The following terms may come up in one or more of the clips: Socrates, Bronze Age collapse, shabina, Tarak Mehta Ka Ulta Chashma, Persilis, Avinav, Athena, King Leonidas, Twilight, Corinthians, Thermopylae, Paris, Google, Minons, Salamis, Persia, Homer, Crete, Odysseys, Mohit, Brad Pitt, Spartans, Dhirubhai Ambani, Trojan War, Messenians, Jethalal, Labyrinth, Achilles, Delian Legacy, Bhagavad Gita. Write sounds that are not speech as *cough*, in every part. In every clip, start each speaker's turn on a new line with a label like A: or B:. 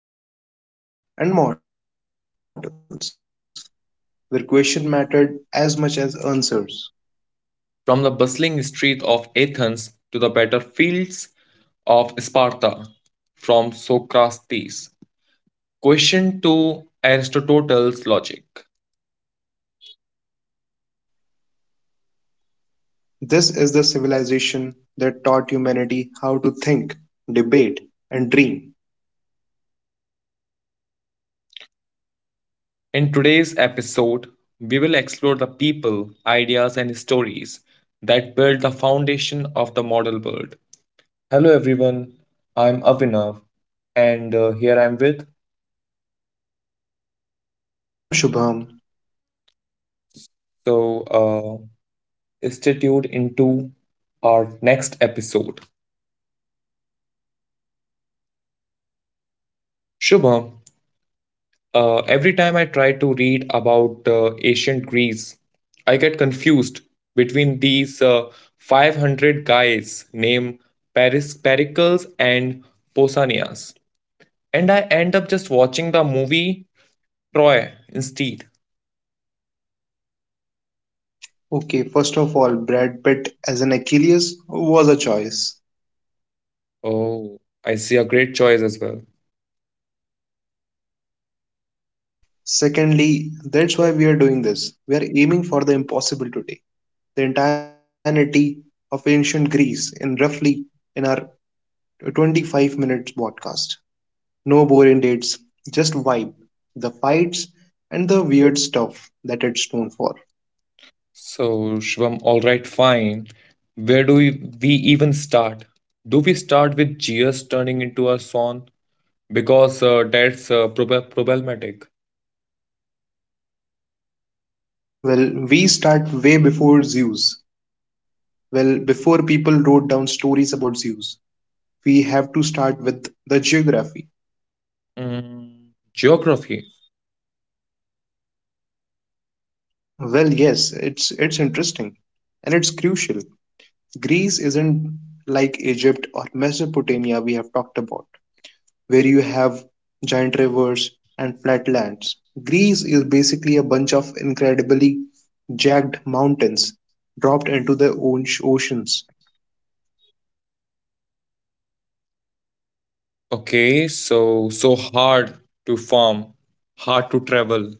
A: and warriors, gods and mortals, where questions mattered as much as answers.
B: From the bustling streets of Athens to the battlefields of Sparta, from Socrates' question to Aristotle's logic.
A: This is the civilization that taught humanity how to think, debate, and dream.
B: In today's episode, we will explore the people, ideas, and stories that build the foundation of the modern world. Hello everyone, I'm Avinav and here I'm with,
A: And I am Shubham.
B: so uh, stay tuned into our next episode. Shubham, every time I try to read about ancient Greece, I get confused between these 500 guys named Paris Pericles and Pausanias, and I end up just watching the movie Troy instead.
A: Okay, first of all, Brad Pitt as an Achilles was a choice.
B: Oh, I see, a great choice as well.
A: Secondly, that's why we are doing this. We are aiming for the impossible today. The entirety of ancient Greece in roughly in our a 25 minutes podcast. No boring dates, just vibe, the fights, and the weird stuff that it's known for.
B: So, Shvam, all right, fine. Where do we, we even start? Do we start with GS turning into a son? Because problematic.
A: Well, we start way before Zeus. Well, before people wrote down stories about Zeus, we have to start with the geography.
B: Mm, geography.
A: Well, yes, it's interesting and it's crucial. Greece isn't like Egypt or Mesopotamia we have talked about, where you have giant rivers and flatlands. Greece is basically a bunch of incredibly jagged mountains dropped into their own oceans.
B: Okay, so hard to farm, hard to travel.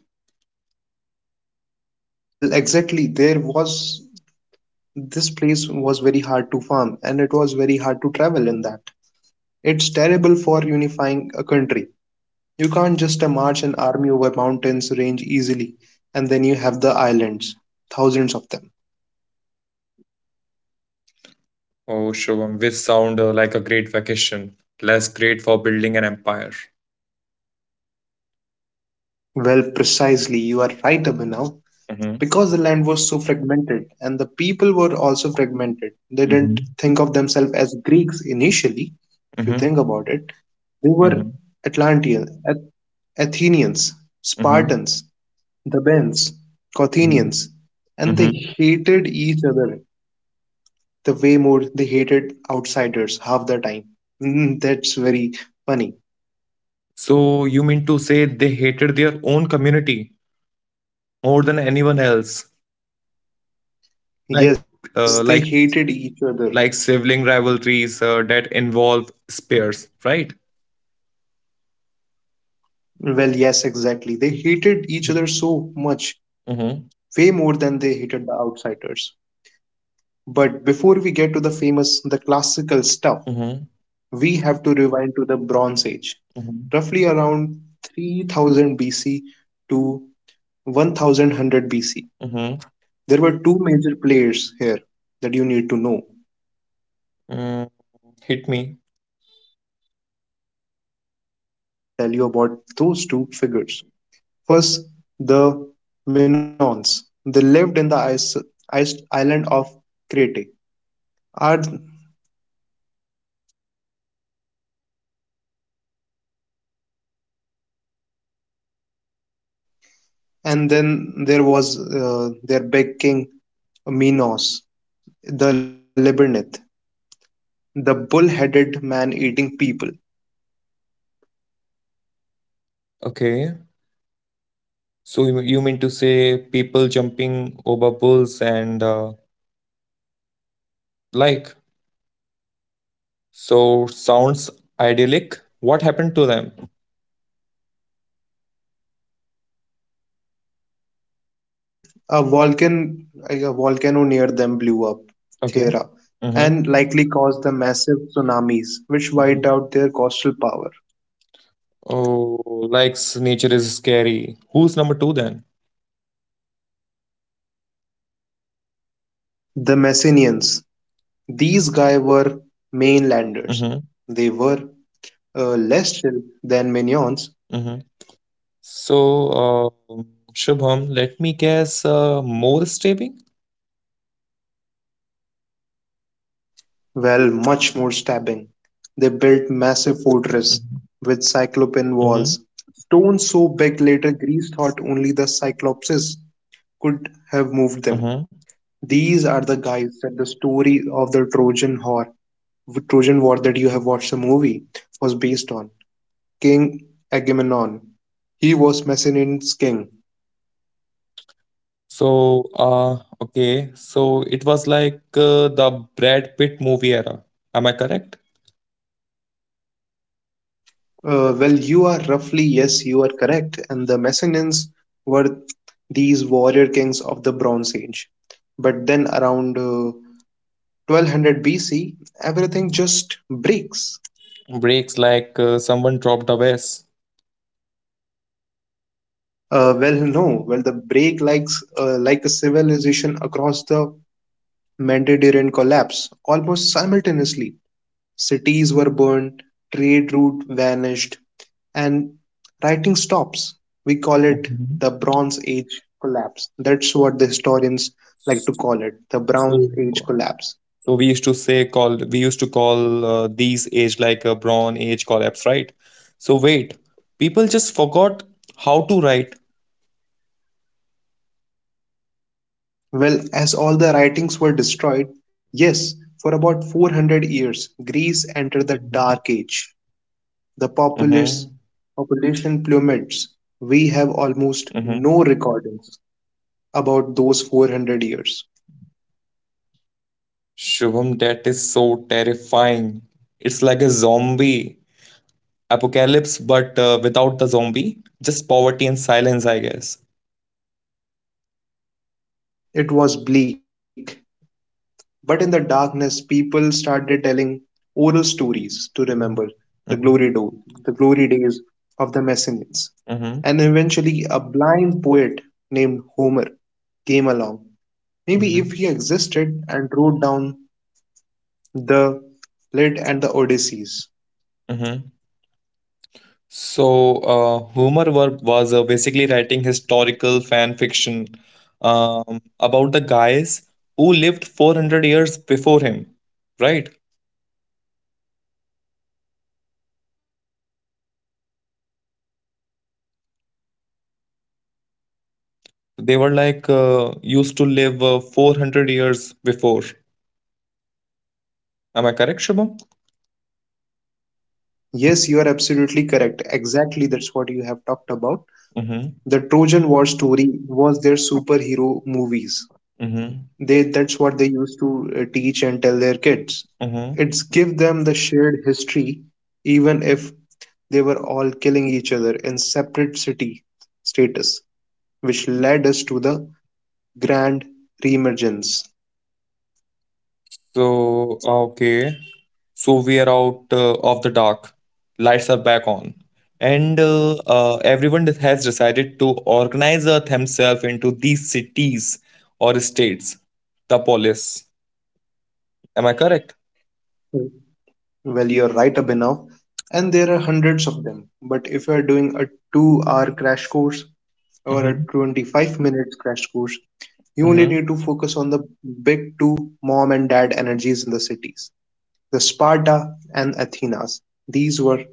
A: Well, exactly. There was This place was very hard to farm and it was very hard to travel in that. It's terrible for unifying a country. You can't just march an army over mountains range easily, and then you have the islands, thousands of them.
B: Oh, Shubham, which sound like a great vacation, less great for building an empire.
A: Well, precisely, you are right, Abhinav.
B: Mm-hmm,
A: Because the land was so fragmented and the people were also fragmented, they
B: mm-hmm,
A: didn't think of themselves as Greeks initially, if
B: mm-hmm,
A: you think about it. They
B: mm-hmm,
A: were Atlanteans, Athenians,
B: mm-hmm,
A: Spartans, Thebans,
B: mm-hmm.
A: Corinthians, and
B: Mm-hmm.
A: they hated each other the way more they hated outsiders half the time. That's very funny.
B: So you mean to say they hated their own community more than anyone else, like
A: Yes, they
B: uh,
A: hated
B: like
A: each other.
B: like sibling rivalries that involve spears, right?
A: Well, yes, exactly. They hated each other so much way
B: Mm-hmm.
A: more than they hated the outsiders. But before we get to the famous, the classical stuff,
B: Mm-hmm.
A: we have to rewind to the Bronze Age, roughly
B: Mm-hmm.
A: around 3000 BC to 1100 BC.
B: Mm-hmm.
A: There were two major players here that you need to know.
B: Mm-hmm. Mm, hit me.
A: Okay, so I'll tell you about those two figures. First, the Minons. They lived in the ice island of Crete. Ard- and then there was their big king Minos, the Labyrinth, the bull-headed man-eating people.
B: Okay. So you mean to say people jumping over bulls and like? So sounds idyllic. What happened to them?
A: A volcan Like a volcano near them blew up,
B: Okay.
A: Thera,
B: Mm-hmm.
A: and likely caused the massive tsunamis which
B: Mm-hmm.
A: wiped out their coastal power.
B: Oh, likes nature is scary. Who's number two then?
A: The Messenians, these guys were mainlanders.
B: Mm-hmm.
A: They were less chill than minions.
B: Mm-hmm. So, Shubham, let me guess, more stabbing?
A: Well, much more stabbing. They built massive fortress
B: Mm-hmm.
A: with cyclopean
B: Mm-hmm.
A: walls, stones so big later Greece thought only the cyclopses could have moved them.
B: Mm-hmm.
A: These are the guys that the story of the Trojan War that you have watched the movie was based on. King Agamemnon. He was Macedonian's king.
B: So, okay. So it was like the Brad Pitt movie era. Am I correct?
A: Well, you are roughly, yes, you are correct. And the Messenians were these warrior kings of the Bronze Age. But then around 1200 BC, everything just breaks.
B: Breaks like someone dropped a vase.
A: Well, no, well, the break, like the civilization across the Mediterranean, collapse almost simultaneously. Cities were burned, trade route vanished, and writing stops. We call it
B: Mhm.
A: the Bronze Age collapse. That's what the historians like to call it, the
B: So,
A: Bronze Age collapse.
B: we used to call these age like a brown age collapse, right? So wait, people just forgot how to write.
A: Well, as all the writings were destroyed, yes, for about 400 years, Greece
B: Mm-hmm.
A: entered the Dark Age. The populace population plummets. We
B: Mm-hmm.
A: have almost no recordings about those 400 years.
B: Shubham, that is so terrifying. It's like a zombie apocalypse, but without the zombie, just poverty and silence, I guess.
A: It was bleak, but in the darkness, people started telling oral stories to remember the
B: Mm-hmm.
A: glory, do- the glory days of the Messenians.
B: Mm-hmm.
A: And eventually, a blind poet named Homer came along, maybe
B: Mm-hmm.
A: if he existed, and wrote down the Iliad and the Odysseys.
B: Mm-hmm. So, was basically writing historical fan fiction about the guys who lived 400 years before him, right? They were like used to live 400 years before. Am I correct, Shubham?
A: Yes, you are absolutely correct. Exactly, that's what you have talked about.
B: Mm-hmm.
A: The Trojan War story was their superhero movies.
B: Mm-hmm.
A: They That's what they used to teach and tell their kids.
B: Mm-hmm.
A: It's give them the shared history, even if they were all killing each other in separate city status, which led us to the grand reemergence.
B: So, okay. So we are out of the dark. Lights are back on. And everyone that has decided to organize themselves into these cities or states, the polis. Am I correct?
A: Well, you're right, Abhinav, and there are hundreds of them, but if you're doing a 2 hour crash course or a
B: Hmm.
A: 25-minute crash course, you only
B: Hmm.
A: need to focus on the big two mom and dad energies in the cities, the Sparta and Athenas. These were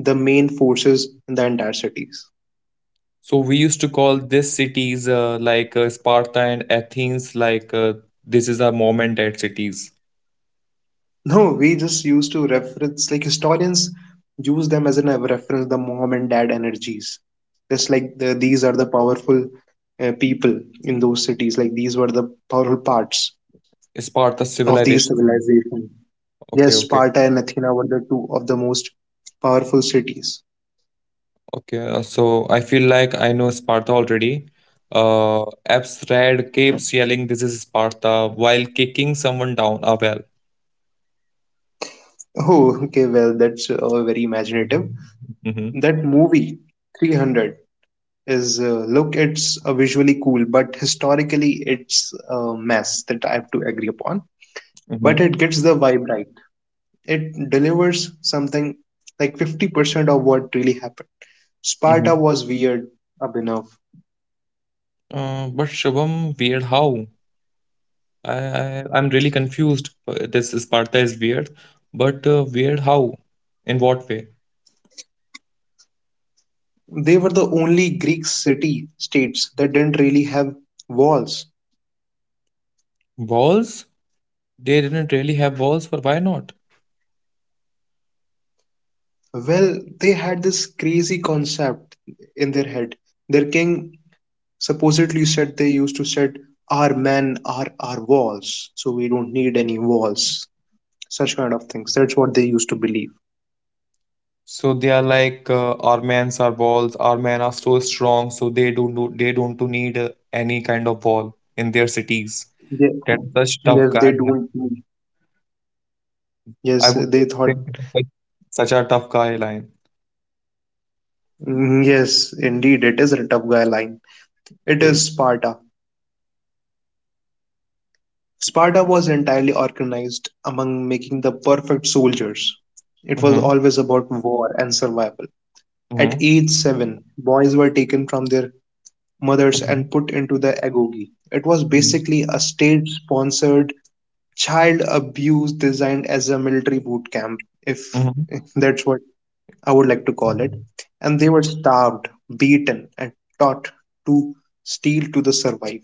A: the main forces in the entire cities.
B: So we used to call these cities Sparta and Athens, like this is a moment at cities.
A: No, we just used to reference, like historians use them as a reference, the mom and dad energies. Just like these are the powerful people in those cities, like these were the powerful parts
B: Sparta
A: of these
B: civilization.
A: civilizations.
B: Okay,
A: Yes,
B: okay.
A: Sparta and Athena were the two of the most powerful cities.
B: Okay, so I feel like I know Sparta already. Uh, Abs Red keeps yelling, "This is Sparta," while kicking someone down a well.
A: Oh, okay, well, that's very imaginative.
B: Mm-hmm,
A: That movie, 300, is look, it's visually cool, but historically it's a mess that I have to agree upon. But
B: mm-hmm,
A: it gets the vibe right. It delivers something like 50% of what really happened.
B: mm-hmm.
A: Sparta was weird enough.
B: But Shubham, weird how? I, I'm really confused. This Sparta is weird, but weird how? In what way?
A: They were the only Greek city states that didn't really have walls.
B: Walls? They didn't really have walls, but why not?
A: Well, they had this crazy concept in their head. Their king supposedly, you said they used to said, our men are our walls, so we don't need any walls, such kind of things. That's what they used to believe.
B: So they are like our men's are walls. Our men are so strong, so they don't to need any kind of wall in their cities.
A: Yes,
B: That's such
A: yes,
B: tough
A: they
B: guy
A: don't
B: line.
A: need- yes,
B: I
A: they
B: would say
A: thought.
B: that's like such a tough guy line.
A: Yes, indeed it is a tough guy line. It
B: It
A: is
B: is.
A: Sparta. Sparta was entirely organized among making the perfect soldiers. It was
B: Mm-hmm,
A: always about war and survival. At
B: mm-hmm,
A: age 7, boys were taken from their mothers and put
B: mm-hmm,
A: into the agoge. It was basically a state sponsored child abuse designed as a military boot camp, if
B: mm-hmm.
A: *laughs* that's what I would like to call it. And they were starved, beaten, and taught to steal to the survive.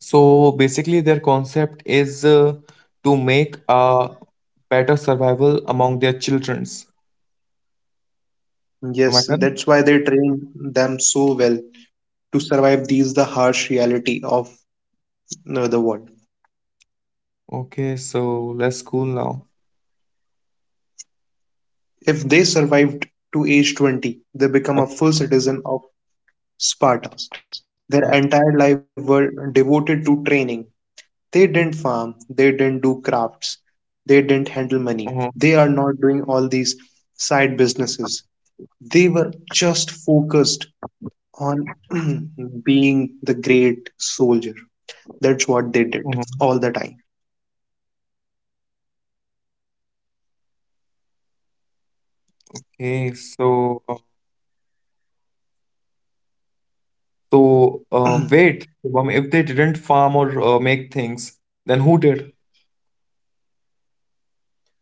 B: So basically, their concept is to make a better survival among their childrens. Am I
A: Yes,
B: correct?
A: that's why they trained them so well to survive the harsh reality of the world.
B: Okay, so let's cool now.
A: If they survived to age 20, they
B: Uh,
A: become a full citizen of Sparta. Their entire life were devoted to training. They didn't farm, they didn't do crafts, they didn't
B: mhm,
A: handle money. They are not doing all these side businesses. They were just focused on *clears throat* being the great soldier. That's what
B: mhm.
A: they did all the time.
B: Okay, so. So, wait,
A: *clears throat*
B: Shubham, if they didn't farm or make things, then who did?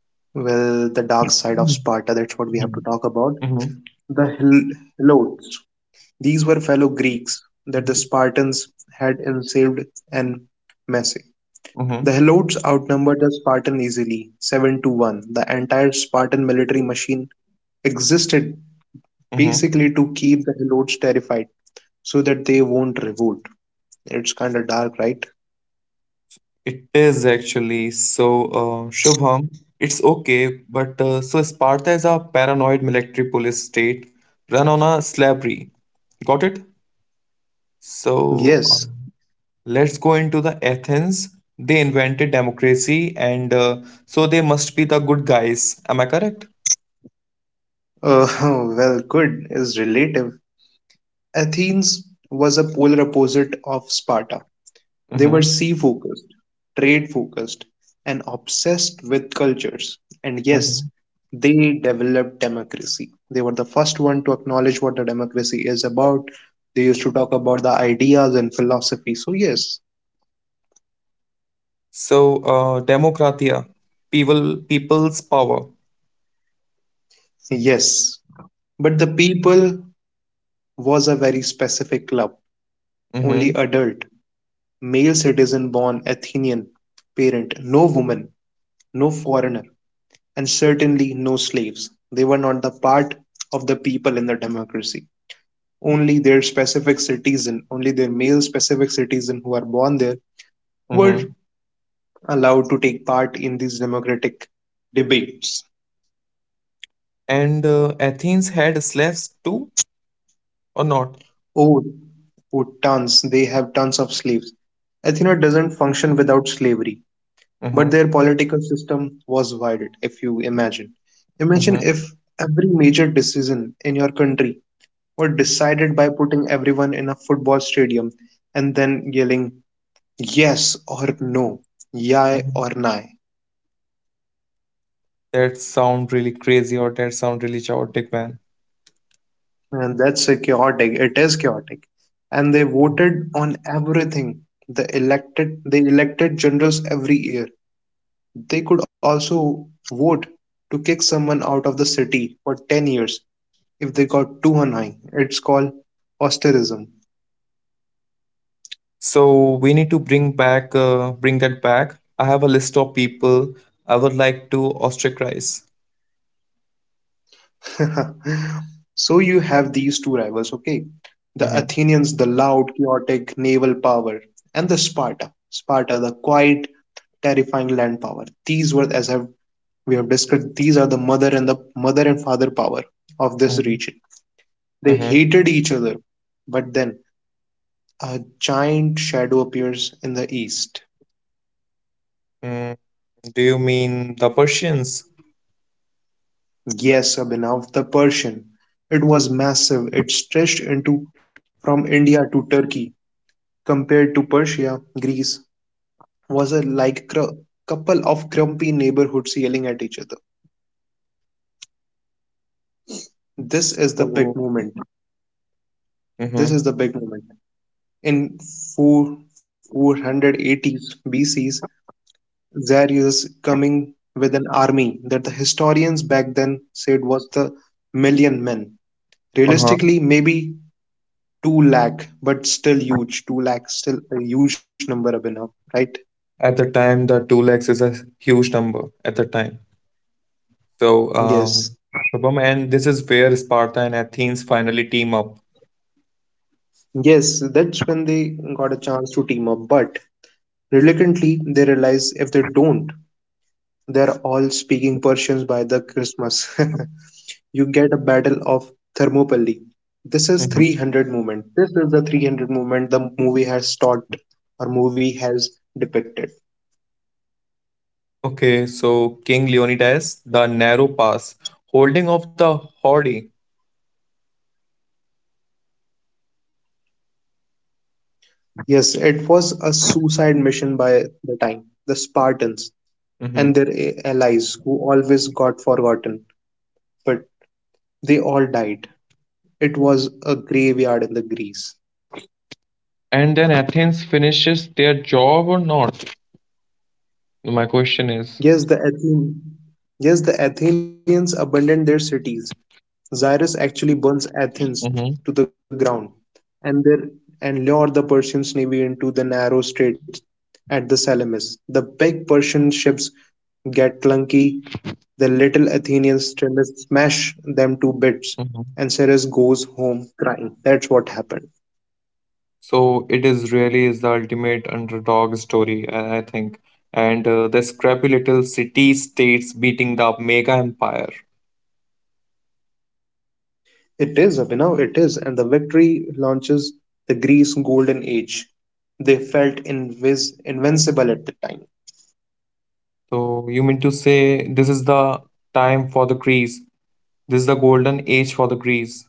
A: Well, the dark side of
B: Mm-hmm.
A: Sparta, that's what we have to talk about. The Helots. These were fellow Greeks that the Spartans had enslaved and messed.
B: Mm-hmm.
A: The Helots outnumbered the Spartan easily, 7-1. The entire Spartan military machine existed
B: Mm-hmm.
A: basically to keep the Helots terrified so that they won't revolt. It's kind of dark, right?
B: It is actually so, Shubham, it's okay, but so Sparta is a paranoid military police state run on a slavery. Got it? So,
A: Yes.
B: let's go into the Athens. They invented democracy, and so they must be the good guys. Am I correct?
A: *laughs* Well, good is relative. Athens was a polar opposite of Sparta. They were
B: Mm-hmm.
A: sea focused, trade focused, and obsessed with cultures. And yes, they developed democracy. They were the first one to acknowledge what the democracy is about. They used to talk about the ideas and philosophy. So yes,
B: So, Democratia, people's power.
A: yes. But the people was a very specific club. Only
B: Mm-hmm.
A: adult, male citizen born Athenian parent, no woman, no foreigner, and certainly no slaves. They were not the part of the people in the democracy. Only their specific citizen, only their male specific citizen who are born there were
B: Mm-hmm.
A: allowed to take part in these democratic debates.
B: And Athens had slaves too, or not?
A: Oh, oh, tons, they have tons of slaves. Athena doesn't function without slavery, but
B: Mm-hmm.
A: their political system was divided, if you imagine. Imagine
B: Mm-hmm.
A: if every major decision in your country were decided by putting everyone in a football stadium and then yelling yes or no, yay
B: Mm-hmm.
A: or nay.
B: That sound really crazy, or that sound really chaotic, man.
A: And that's a chaotic. It is chaotic. And they voted on everything. They elected generals every year. They could also vote to kick someone out of the city for 10 years if they got too annoying. It's called ostracism.
B: So we need to bring back, bring that back. I have a list of people I would like to ostracize.
A: *laughs* So you have these two rivals, okay? The
B: Mm-hmm.
A: Athenians, the loud, chaotic naval power, and the Sparta. Sparta, the quiet, terrifying land power. These were, we have discussed, these are the mother and father power of this
B: Mm-hmm.
A: region. They
B: Mm-hmm.
A: hated each other, but then a giant shadow appears in the east.
B: Mm, do you mean the Persians?
A: Yes, Abhinav, the Persian. It was massive. It stretched into from India to Turkey. Compared to Persia, Greece was a like a couple of grumpy neighborhoods yelling at each other.
B: So,
A: This is the big moment.
B: mm-hmm.
A: This is the big moment. In 4, 480s BC's, Darius coming with an army that the historians back then said was the million men.
B: Uh-huh.
A: Realistically, maybe 2 lakh, but still huge. 2 lakh, still a huge number, Abhinav, right?
B: At the time, the 2 lakhs is a huge number at the time. So,
A: Yes.
B: Shubham, and this is where Sparta and Athens finally team up.
A: Yes, that's when they got a chance to team up. But reluctantly, they realize if they don't, they're all speaking Persians by the Christmas. *laughs* You get a battle of Thermopylae. This
B: Mhm.
A: is 300 movement. This is the 300 movement the movie has taught or movie has depicted.
B: Okay, so King Leonidas, the narrow pass, holding off the Horde.
A: Yes, it was a suicide mission by the time. The Spartans
B: Mhm.
A: and their allies who always got forgotten, but they all died. It was a graveyard in the Greece.
B: And then Athens finishes their job or not? My question is.
A: Yes, the Athenians abandoned their cities. Cyrus actually burns Athens
B: Mhm,
A: to the ground, and their and lured the Persian navy into the narrow straits at the Salamis. The big Persian ships get clunky. The little Athenian steamers smash them to bits,
B: mhm.
A: and Cyrus goes home crying. That's what happened.
B: So it is really is the ultimate underdog story, I think. And the scrappy little city states beating the mega empire.
A: It is, Abhinav, it is. And the victory launches the Greece golden age. They felt invincible at the time.
B: So you mean to say this is the time for the Greece. This is the golden age for the Greece.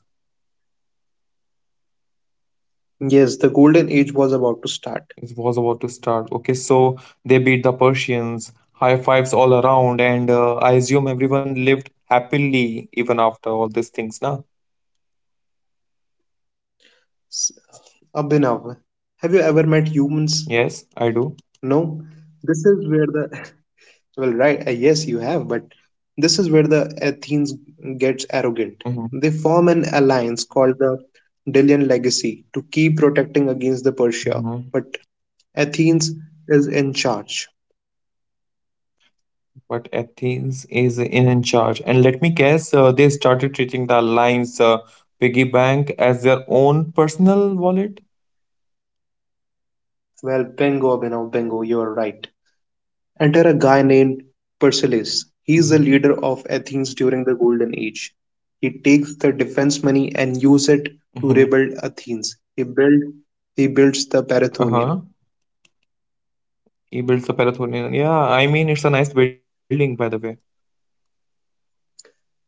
A: Yes, the golden age was about to start.
B: It was about to start. Okay, so they beat the Persians, high fives all around, and I assume everyone lived happily even after all these things, na?
A: S- Abhinav, have you ever met humans?
B: Yes, I do.
A: No. This is where the. *laughs* Well, right, yes, you have, but this is where the Athens gets
B: Hmm.
A: arrogant. They form an alliance called the Delian Legacy to keep protecting against the
B: Hmm.
A: Persia. But Athens is in charge.
B: But Athens in charge, and let me guess, they started treating the alliance piggy bank as their own personal wallet.
A: Well, bingo, Abhinav, bingo, you're right. Enter a guy named Persilis. He's the leader of Athens during the Golden Age. He takes the defense money and uses it to
B: Mm-hmm.
A: rebuild Athens. He builds the Parathonian.
B: Uh-huh. He builds a Parathonian. Yeah, I mean, it's a nice building, by the way.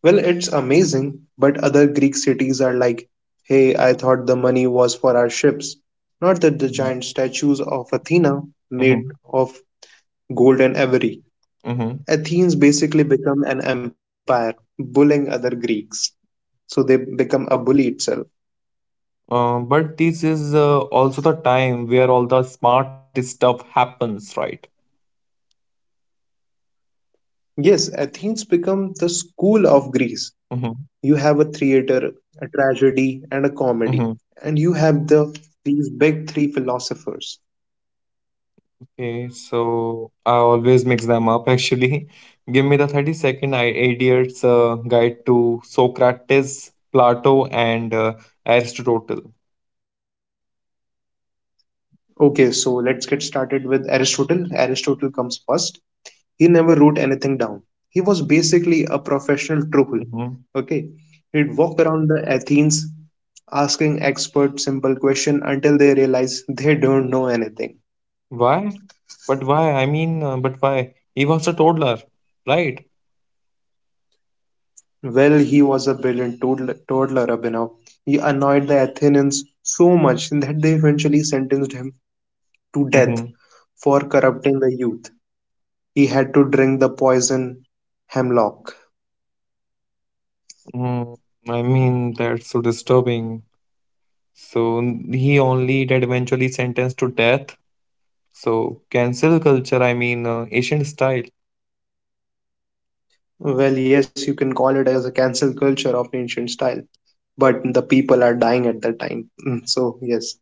A: Well, it's amazing, but other Greek cities are like, hey, I thought the money was for our ships, not that the
B: Mhm.
A: giant statues of Athena made
B: Mhm.
A: of gold and ivory.
B: Mhm.
A: Athens basically become an empire, bullying other Greeks, so they become a bully itself.
B: But this is also the time where all the smart stuff happens, right?
A: Yes, Athens become the school of Greece.
B: Mhm.
A: You have a theater, a tragedy, and a
B: Mhm.
A: comedy, and you have these big three philosophers.
B: Okay, so I always mix them up actually. *laughs* Give me the 30 second I Idiot's Guide to Socrates, Plato, and Aristotle.
A: Okay, so let's get started with Aristotle. Aristotle comes first. He never wrote anything down. He was basically a professional troll.
B: Hmm.
A: Okay, he'd walk around the Athens asking expert simple question until they realize they don't know anything.
B: Why? But why? I mean, but why? He was a toddler, right?
A: Well, he was a brilliant toddler, Abhinav. He annoyed the Athenians so much that they eventually sentenced him to death
B: Mm-hmm.
A: for corrupting the youth. He had to drink the poison hemlock.
B: Mm, I mean, that's so disturbing. So he only did eventually sentenced to death. So cancel culture, I mean, Asian style.
A: Well, yes, you can call it as a cancel culture of ancient style, but the people are dying at that time. So, yes.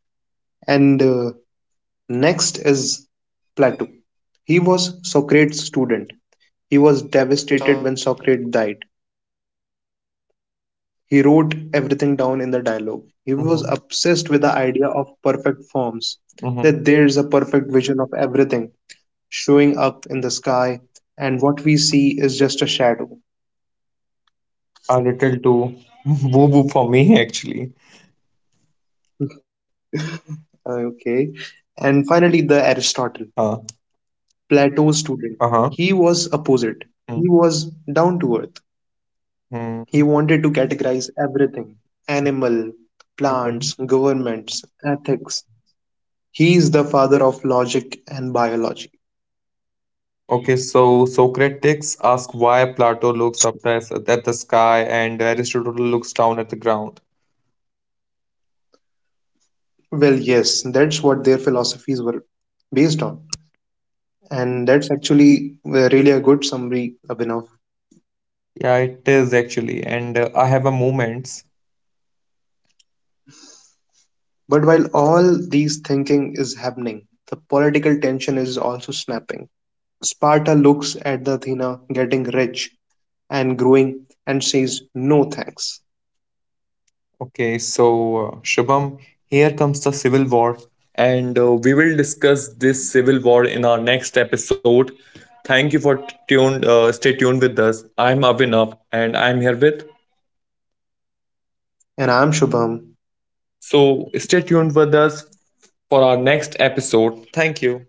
A: And Next is Plato. He was Socrates' student. He was devastated when Socrates died. He wrote everything down in the dialogue.
B: Hmm.
A: He was obsessed with the idea of perfect forms,
B: Hmm.
A: that there is a perfect vision of everything showing up in the sky, and what we see is just a shadow.
B: A little too *laughs* woo woo for me, actually.
A: Okay. And finally, the Aristotle,
B: Uh,
A: Plato's student.
B: uh-huh.
A: He was opposite. He was down to earth. He
B: Mm-hmm.
A: wanted to categorize everything, animal,
B: Okay.
A: plants, governments, ethics. He is the father of logic and biology.
B: Okay, so Socrates asks why Plato looks up at the sky and Aristotle looks down at the ground.
A: Well, yes, that's what their philosophies were based on. And that's actually really a good summary, Abhinav.
B: Yeah, it is actually. And I have a moment.
A: But while all these thinking is happening, the political tension is also snapping. Sparta looks at the Athena getting rich and growing and says, no thanks.
B: Okay, so Shubham, here comes the civil war, and we will discuss this civil war in our next episode. Thank you for tuned. Stay tuned with us. I'm Avinav, and I'm here with.
A: And I'm Shubham.
B: So stay tuned with us for our next episode. Thank you.